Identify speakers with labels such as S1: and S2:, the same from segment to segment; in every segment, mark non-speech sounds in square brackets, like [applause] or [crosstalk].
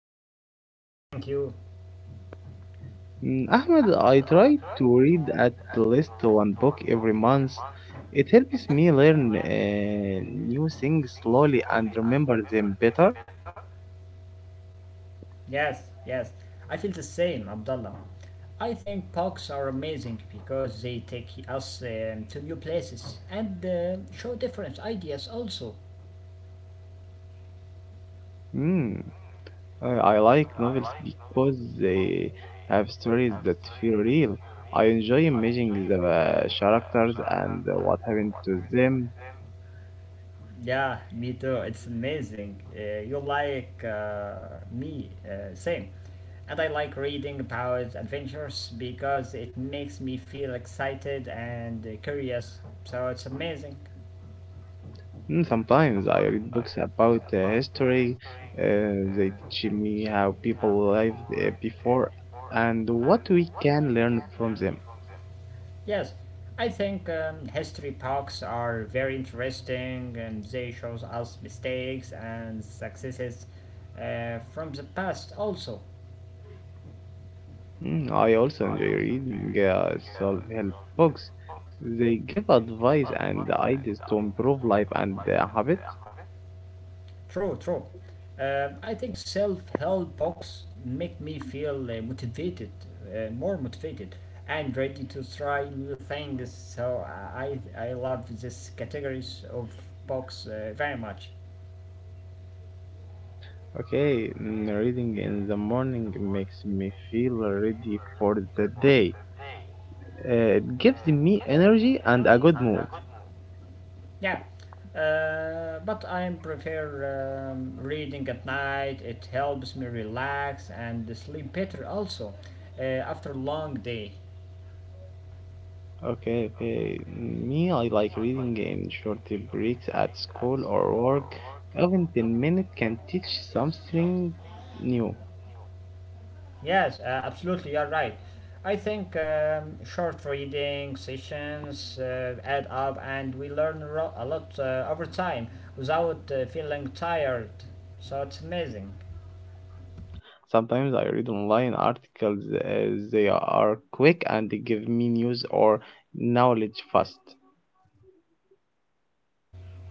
S1: It's great. I'm great, thank you.
S2: Ahmed, I try to read at least one book every month. It helps me learn new things slowly and remember them better.
S1: Yes, yes. I feel the same, Abdullah. I think parks are amazing because they take us to new places and show different ideas also.
S2: Mm, I like novels because they have stories that feel real. I enjoy imagining the characters and what happened to them.
S1: Yeah, me too. It's amazing. You like me, same. And I like reading about adventures because it makes me feel excited and curious. So it's amazing.
S2: Sometimes I read books about history. They teach me how people lived before and what we can learn from them.
S1: Yes, I think history talks are very interesting and they shows us mistakes and successes from the past also.
S2: I also enjoy reading self-help books. They give advice and ideas to improve life and habits.
S1: True, true. I think self-help books make me feel motivated, more motivated and ready to try new things. So I love this categories of books very much.
S2: Okay. Reading in the morning makes me feel ready for the day. It gives me energy and a good mood.
S1: Yeah, but I prefer reading at night. It helps me relax and sleep better also after a long day.
S2: Okay, okay. Me, I like reading in short breaks at school or work. Even 10 minutes can teach something new.
S1: Yes, absolutely, you're right. I think short reading sessions add up and we learn a lot over time without feeling tired. So it's amazing.
S2: Sometimes I read online articles as they are quick and they give me news or knowledge fast.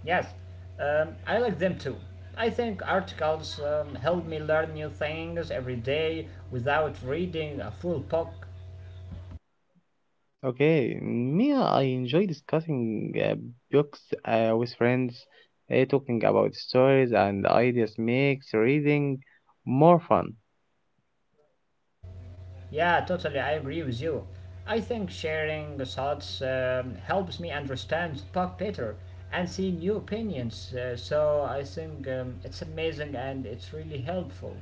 S1: Yes, I like them too. I think articles help me learn new things every day without reading a full book.
S2: Okay. Me, I enjoy discussing books with friends. Talking about stories and ideas makes reading more fun.
S1: Yeah, totally, I agree with you. I think sharing thoughts helps me understand the book better and see new opinions. So I think it's amazing and it's really helpful.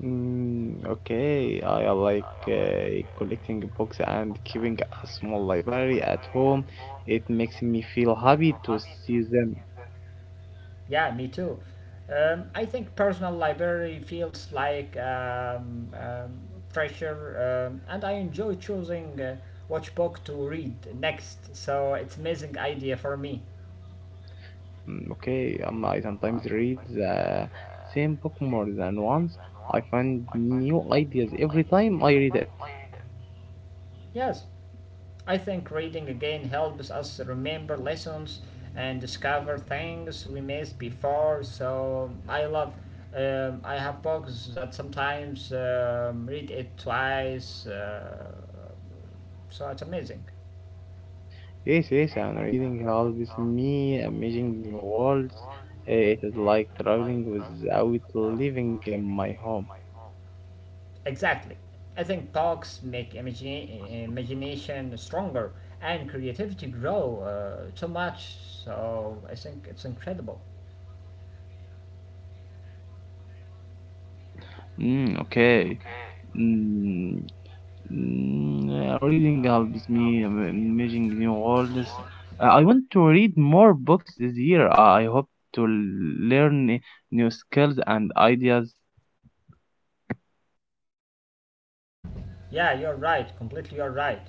S2: Okay, I like collecting books and keeping a small library at home. It makes me feel happy to see them.
S1: Yeah, me too. I think personal library feels like treasure, and I enjoy choosing which book to read next. So it's amazing idea for me.
S2: Okay, I sometimes read the same book more than once. I find new ideas every time I read it.
S1: Yes, I think reading again helps us remember lessons and discover things we missed before. So I love. I have books that sometimes read it twice. So it's amazing.
S2: Yes, yes, and reading helps me imagine new worlds. It is like traveling without leaving my home.
S1: Exactly. I think talks make imagination stronger and creativity grow too much. So I think it's incredible.
S2: Okay. Mm, Reading helps me imagine new worlds. I want to read more books this year. I hope to learn new skills and ideas.
S1: Yeah, you're right. Completely, you're right.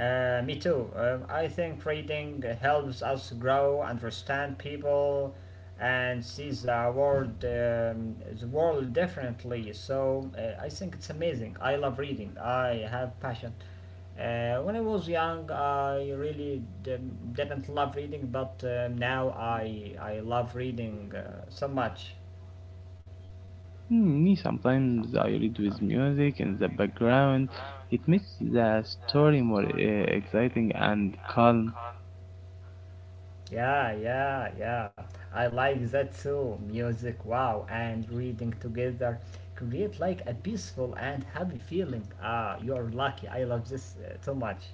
S1: Me too. I think reading helps us grow, understand people, and see the world, the world differently. So I think it's amazing. I love reading. I have passion. When I was young, I really didn't love reading, but now I love reading so much.
S2: Me, sometimes I read with music in the background. It makes the story more exciting and calm.
S1: Yeah, yeah, yeah. I like that too. Music, wow, and reading together create like a peaceful and happy feeling. Ah, you're lucky. I love this too much.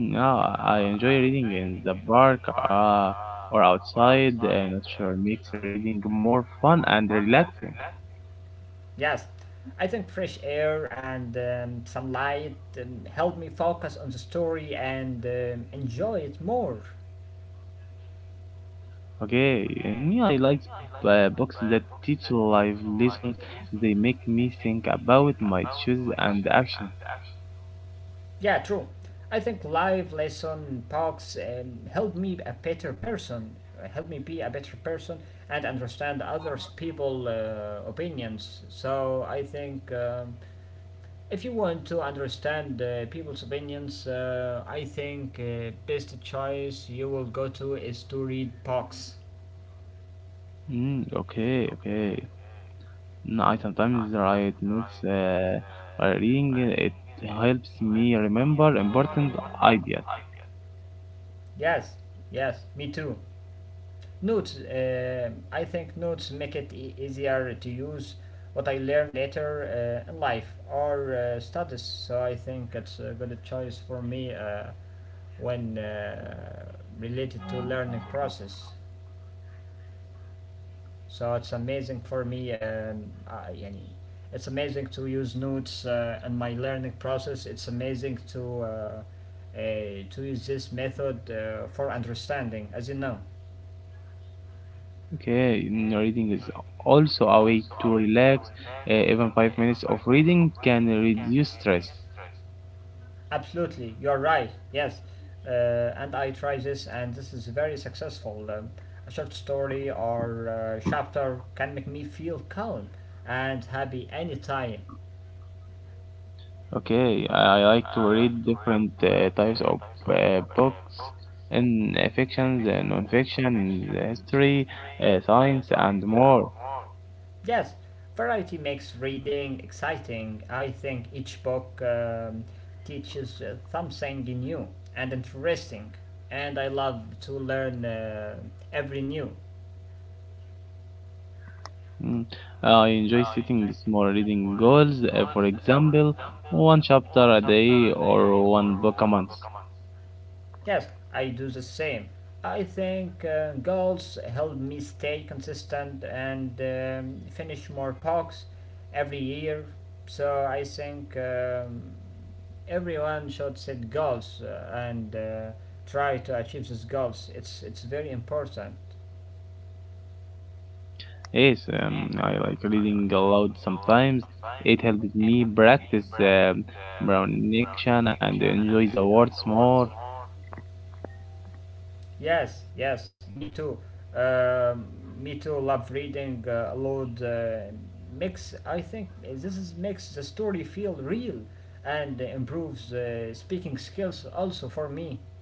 S2: Now I enjoy reading in the park or outside. Nature makes reading more fun and relaxing.
S1: Yes, I think fresh air and some light help me focus on the story and enjoy it more.
S2: Okay, and me, I like books that teach life lessons. They make me think about my choices and actions.
S1: Yeah, true. I think live lesson talks help me a better person, help me be a better person and understand others people opinions. So I think if you want to understand people's opinions, I think best choice you will go to is to read books.
S2: Okay, okay. I sometimes write notes. While reading it helps me remember important ideas.
S1: Yes, yes, me too. Notes, I think notes make it easier to use what I learn later in life or studies, so I think it's a good choice for me when related to learning process. So it's amazing for me, I, يعني it's amazing to use notes in my learning process. It's amazing uh, to use this method for understanding, as you know.
S2: Okay. Reading is also a way to relax. Even 5 minutes of reading can reduce stress.
S1: Absolutely, you're right. Yes, and I tried this, and this is very successful. A short story or chapter can make me feel calm and happy anytime.
S2: Okay, I like to read different types of books, in fictions, non-fiction, history, science, and more.
S1: Yes, variety makes reading exciting. I think each book teaches something new and interesting, and I love to learn every new.
S2: Mm. I enjoy setting small reading goals. For example, one chapter a day or one book a month.
S1: Yes, I do the same. I think goals help me stay consistent and finish more pucks every year. So I think everyone should set goals and try to achieve these goals. It's very important.
S2: Yes, I like reading aloud sometimes. It helps me practice pronunciation and enjoy the words more.
S1: Yes, yes, me too. Um, me too. Love reading aloud. Makes I think this is makes the story feel real and improves speaking skills also for me.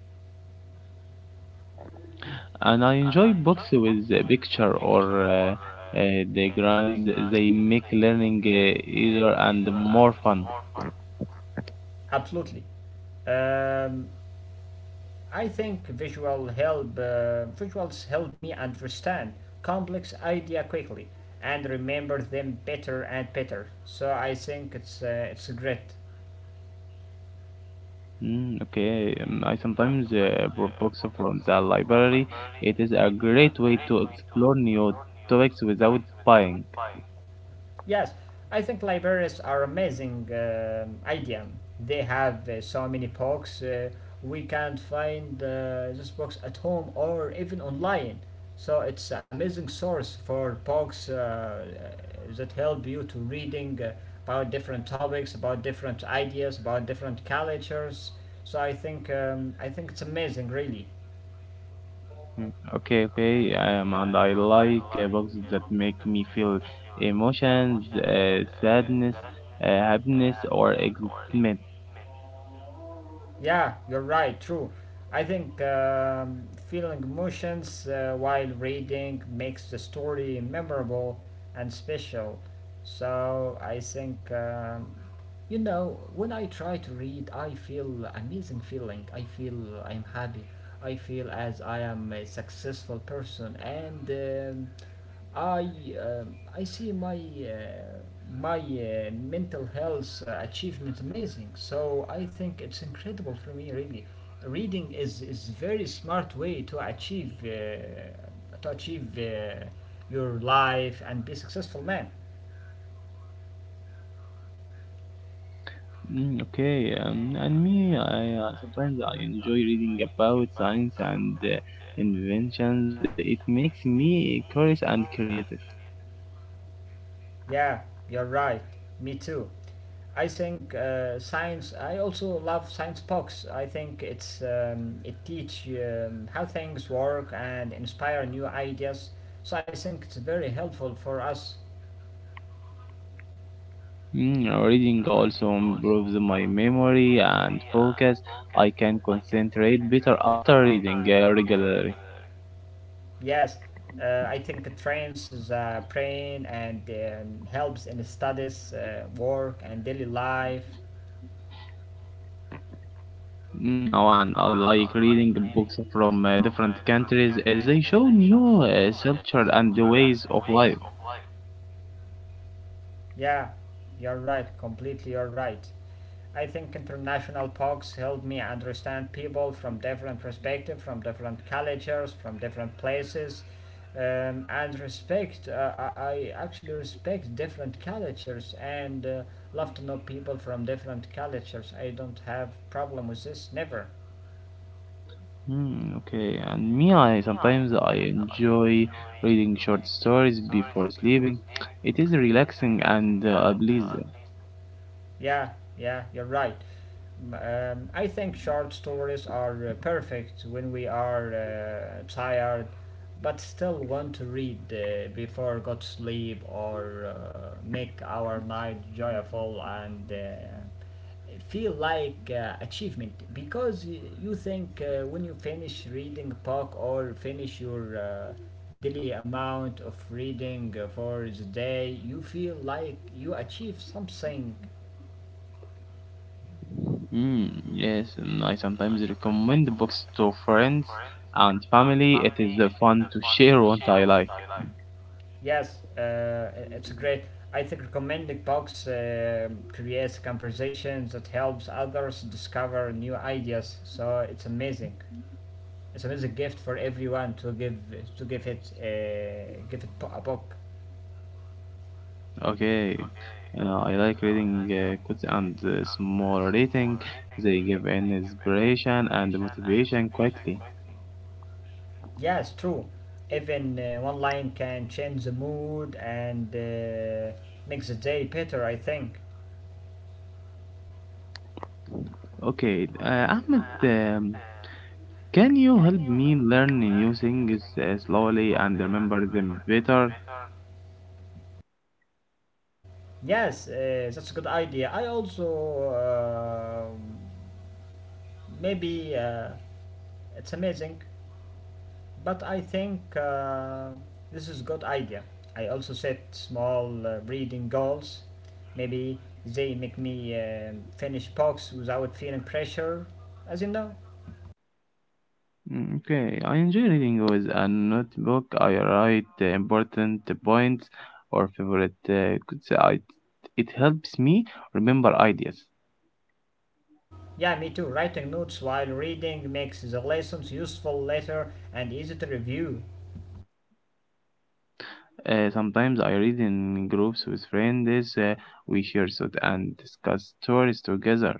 S2: And I enjoy books with the picture or diagrams. They make learning easier and more fun.
S1: Absolutely. Um, I think visuals help me understand complex idea quickly and remember them better and better. So I think it's great.
S2: Okay, I sometimes borrow books from the library. It is a great way to explore new topics without buying.
S1: Yes, I think libraries are amazing idea. They have so many books we can't find these books at home or even online. So it's amazing source for books that help you to reading about different topics, about different ideas, about different cultures. So I think it's amazing, really.
S2: Okay, okay, and I like books that make me feel emotions, sadness, happiness, or excitement.
S1: Yeah, you're right, true. I think feeling emotions while reading makes the story memorable and special. So I think, you know, when I try to read, I feel amazing feeling. I feel I'm happy. I feel as I am a successful person and I I see my mental health achievement amazing. So I think it's incredible for me really. Reading is very smart way to achieve to achieve your life and be successful man.
S2: Okay, and me, I sometimes I enjoy reading about science and inventions. It makes me curious and creative.
S1: Yeah, you're right. Me too. I think science. I also love science books. I think it teach how things work and inspire new ideas. So I think it's very helpful for us.
S2: Reading also improves my memory and focus. I can concentrate better after reading regularly.
S1: Yes, I think it trains the brain and helps in studies, work, and daily life.
S2: Oh, and I like reading books from different countries as they show new culture and ways of life.
S1: Yeah, you're right. Completely, you're right. I think international talks helped me understand people from different perspectives, from different cultures, from different places, and respect. I actually respect different cultures and love to know people from different cultures. I don't have problem with this, never.
S2: Hmm. Okay, and me, I sometimes I enjoy reading short stories before sleeping. It is relaxing and pleasant.
S1: Yeah, yeah, you're right. I think short stories are perfect when we are tired but still want to read before go to sleep or make our night joyful and feel like achievement because you think when you finish reading a book or finish your daily amount of reading for the day you feel like you achieve something.
S2: Yes, and I sometimes recommend books to friends and family. It is fun to share [laughs] what I like.
S1: Yes, it's a great. I think recommending books creates conversations that helps others discover new ideas. So it's amazing. It's amazing gift for everyone to give to give it a book.
S2: Okay, I like reading quotes and small reading. They give an inspiration and motivation quickly.
S1: Yes, true. Even one line can change the mood and makes the day better. I think.
S2: Okay, Ahmed. Can you help me learn new things slowly and remember them better?
S1: Yes, that's a good idea. I also uh, maybe it's amazing But I think this is a good idea. I also set small reading goals. Maybe they make me finish books without feeling pressure, as you know.
S2: Okay, I enjoy reading with a notebook. I write the important points or favorite it helps me remember ideas.
S1: Yeah, me too. Writing notes while reading makes the lessons useful later and easy to review.
S2: Sometimes I read in groups with friends. We share thoughts and discuss stories together.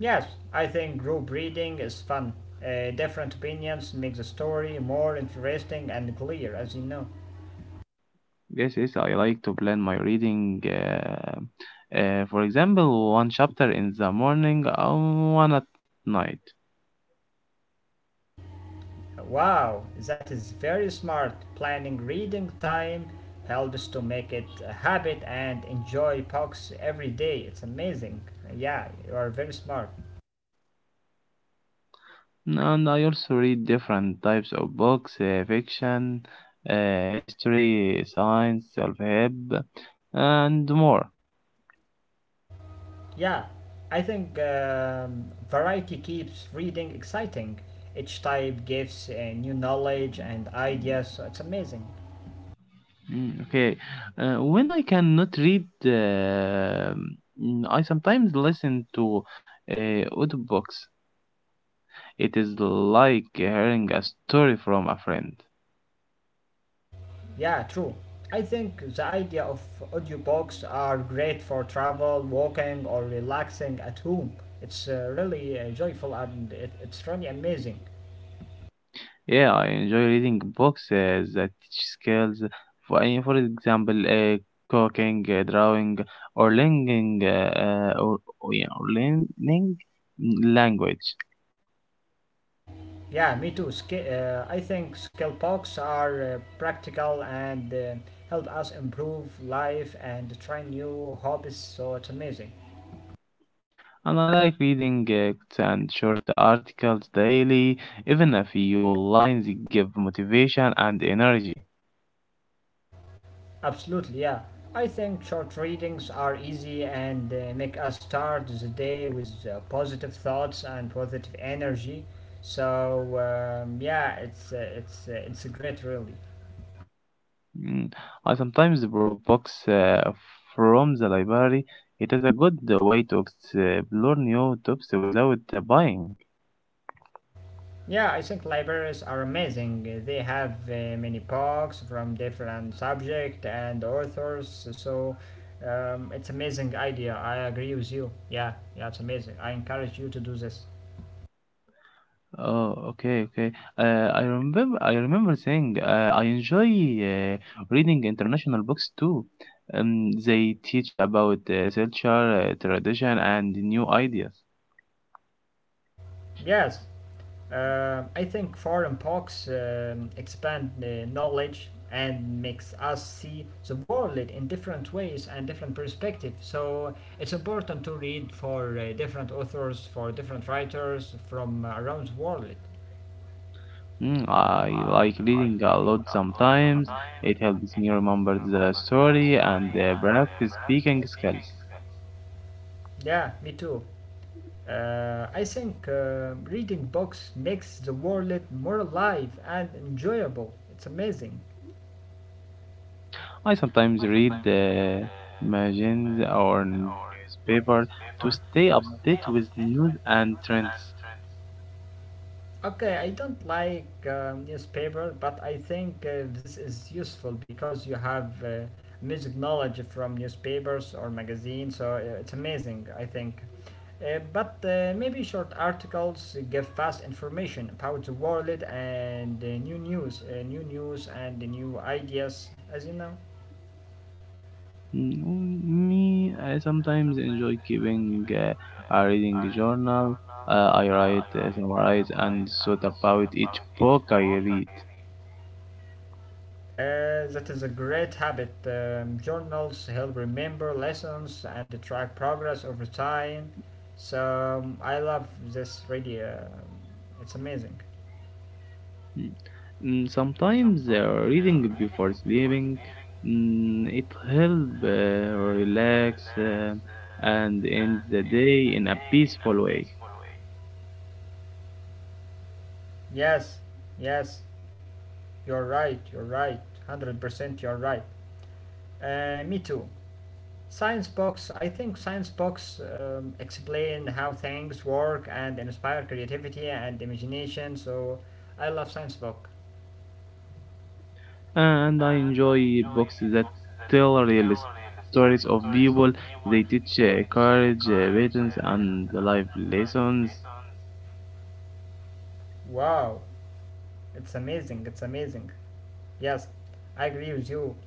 S1: Yes, I think group reading is fun. Different opinions make the story more interesting and clear, as you know.
S2: Yes, yes, I like to plan my reading. For example, one chapter in the morning and one at night.
S1: Wow, that is very smart. Planning reading time helps to make it a habit and enjoy books every day. It's amazing. Yeah, you are very smart.
S2: And I also read different types of books, fiction, history, science, self-help, and more.
S1: Yeah, I think variety keeps reading exciting. Each type gives new knowledge and ideas. So it's amazing.
S2: Okay, when I cannot read, I sometimes listen to uh, audiobooks. It is like hearing a story from a friend.
S1: Yeah, true. I think the idea of audiobooks are great for travel, walking, or relaxing at home. It's really joyful and it's really amazing.
S2: Yeah, I enjoy reading books that teach skills. For example, cooking, drawing, or learning, yeah, or learning language.
S1: Yeah, me too. I think skill books are practical and help us improve life and try new hobbies, so it's amazing.
S2: And I like reading quotes and short articles daily. Even a few lines give motivation and energy.
S1: Absolutely, yeah. I think short readings are easy and make us start the day with positive thoughts and positive energy. So it's great, really.
S2: Mm, I sometimes borrow books from the library. It is a good way to explore new topics without buying.
S1: Yeah, I think libraries are amazing. They have many books from different subject and authors. So it's amazing idea. I agree with you. Yeah, yeah, it's amazing. I encourage you to do this.
S2: Oh, okay, okay. I remember saying I enjoy uh, reading international books too. They teach about culture, tradition, and new ideas.
S1: Yes, I think foreign books expand the knowledge and makes us see the world in different ways and different perspectives. So it's important to read for different authors, for different writers from around the world.
S2: I like reading a lot sometimes. It helps me remember the story and practice speaking skills.
S1: Yeah, me too. I think reading books makes the world more alive and enjoyable. It's amazing.
S2: I sometimes read magazines or newspaper to stay updated with news and trends.
S1: Okay, I don't like newspaper, but I think this is useful because you have music knowledge from newspapers or magazines, so it's amazing, I think. But maybe short articles give fast information about the world and new news and new ideas, as you know.
S2: Me, I sometimes enjoy keeping a reading journal. I write, summarize, and thought about each book I read.
S1: That is a great habit. Journals help remember lessons and track progress over time. So I love this really. It's amazing.
S2: Mm. Sometimes reading before sleeping, it help relax and end the day in a peaceful way.
S1: Yes, yes, you're right. You're right. 100%, you're right. Me too. Science books. I think science books explain how things work and inspire creativity and imagination. So I love science book.
S2: And I enjoy books that tell real stories of people. They teach courage, patience, and life lessons.
S1: Wow, it's amazing. It's amazing. Yes, I agree with you.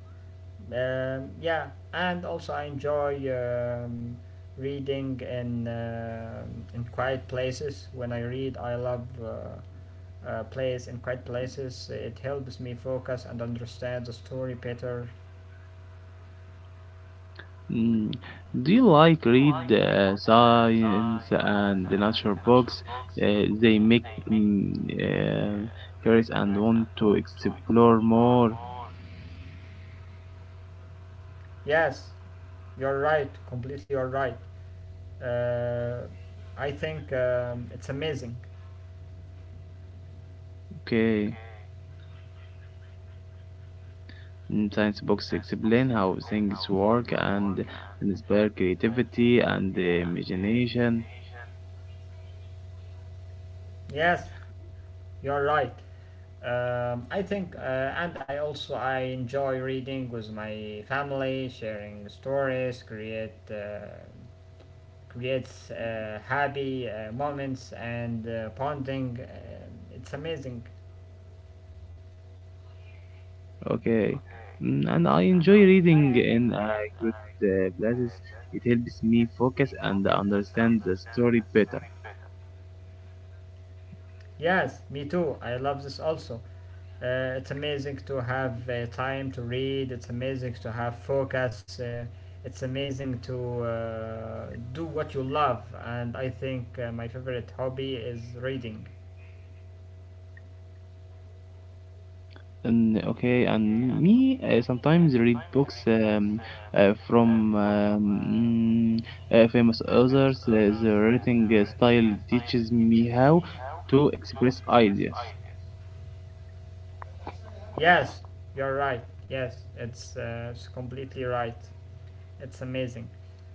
S1: Yeah, and also I enjoy reading in quiet places. When I read, I love plays in quiet places. It helps me focus and understand the story better.
S2: Mm. Do you like read science and the nature books? They make mm, uh, curious and want to explore more.
S1: Yes, you're right. Completely, you're right. Uh, I think it's amazing.
S2: Okay. Science books explain how things work and inspire creativity and imagination.
S1: Yes, you're right. I think, and I also I enjoy reading with my family, sharing stories, creates happy moments and bonding. It's amazing.
S2: Okay. And I enjoy reading in good places. It helps me focus and understand the story better.
S1: Yes, me too. I love this also. It's amazing to have time to read. It's amazing to have focus. It's amazing to uh, do what you love. And I think my favorite hobby is reading.
S2: And okay, and me sometimes read books uh, from um, mm, famous authors. The writing style teaches me how to express ideas.
S1: Yes, you're right. Yes, it's completely right. It's amazing.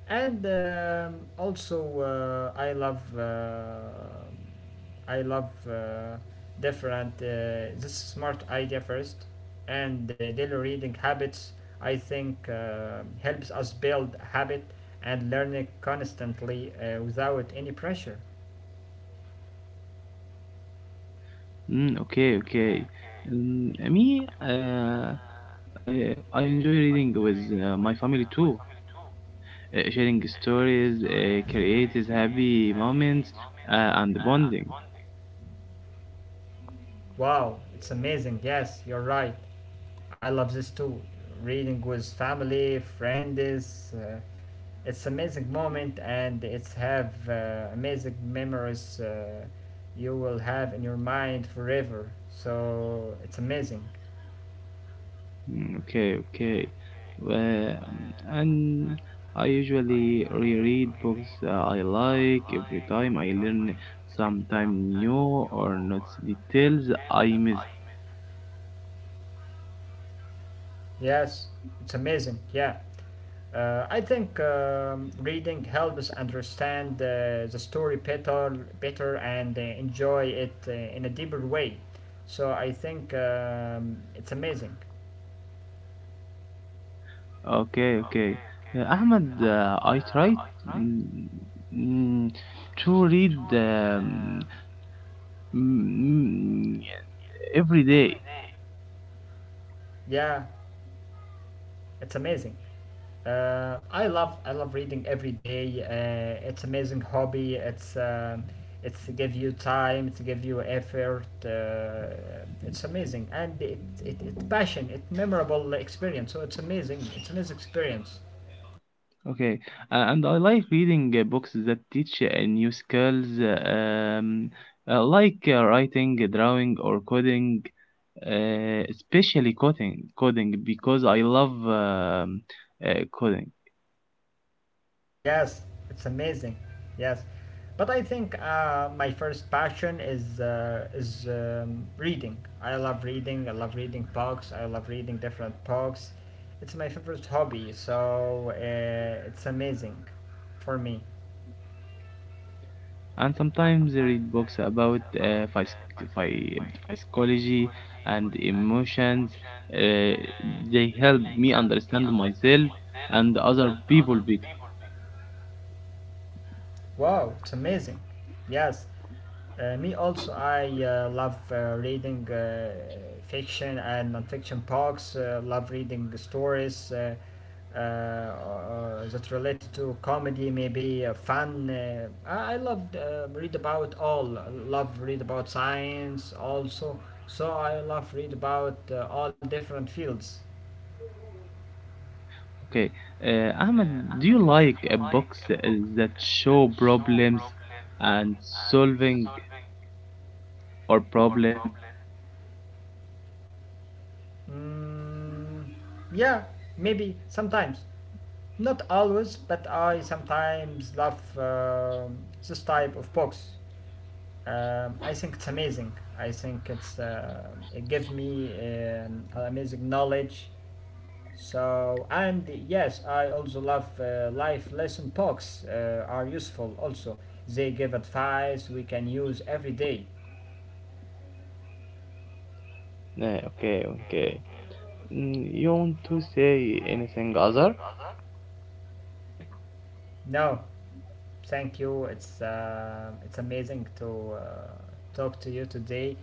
S1: And also, uh, I love uh, I love different this smart idea first, and daily reading habits. I think helps us build a habit and learn it constantly without any pressure.
S2: Okay, okay. Me, I enjoy reading with my family too. Sharing stories creates happy moments and bonding.
S1: Wow, it's amazing. Yes, you're right. I love this too. Reading with family, friends, it's amazing moment and it's have amazing memories you will have in your mind forever. So it's amazing.
S2: Okay, okay. Well, and I usually reread books I like every time. I learn sometime new or not details I miss.
S1: Yes, it's amazing. Yeah. I think reading helps understand the story better, and enjoy it in a deeper way. So I think it's amazing.
S2: Okay, okay. Ahmed, I try mm, mm, to read mm, mm, every day.
S1: Yeah, it's amazing. I love reading every day. It's amazing hobby. It's give you time. It's give you effort. It's amazing and it passion. It's memorable experience. So it's amazing. It's amazing experience.
S2: Okay, and I like reading books that teach new skills, um, like writing, drawing, or coding, especially coding because I love coding.
S1: Yes, it's amazing. Yes, but I think my first passion is reading. I love reading. I love reading books. I love reading different books. It's my favorite hobby. So it's amazing for me.
S2: And sometimes I read books about phy- psychology and emotions. Uh, they help me understand myself and other people better.
S1: Wow, it's amazing. Yes. Me also, I love reading fiction and nonfiction books. Love reading the stories that related to comedy, maybe fun. I love read about all. I love read about science also. So I love read about all different fields.
S2: Okay, Ahmed, do you like books that show problems and solving or problem?
S1: Mm, yeah, maybe sometimes. Not always, but I sometimes love this type of books. I think it's amazing. I think it gives me amazing knowledge. So and yes, I also love life lesson talks are useful. Also, they give advice we can use every day.
S2: Okay, okay. You want to say anything other?
S1: No, thank you. It's amazing to talk to you today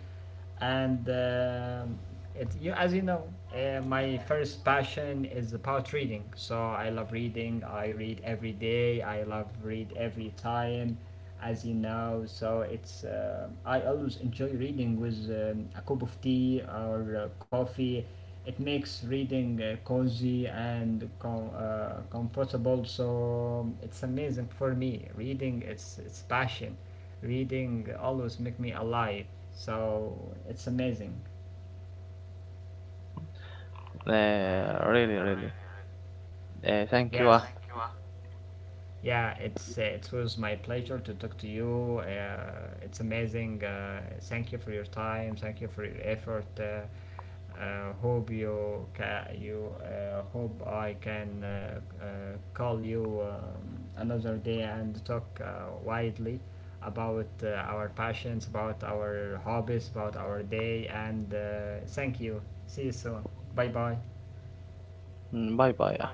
S1: and it, you, as you know, my first passion is about reading. So I love reading. I read every day. I love read every time, as you know. So it's I always enjoy reading with a cup of tea or coffee. It makes reading cozy and comfortable. So it's amazing for me. Reading, it's passion. Reading always make me alive, so it's amazing.
S2: Really, really. Thank you,
S1: Yes.
S2: Ahmed.
S1: Yeah, it was my pleasure to talk to you. It's amazing. Thank you for your time. Thank you for your effort. Hope you ca- you hope I can call you another day and talk widely about our passions, about our hobbies, about our day. And thank you. See you soon. Bye bye.
S2: Bye bye.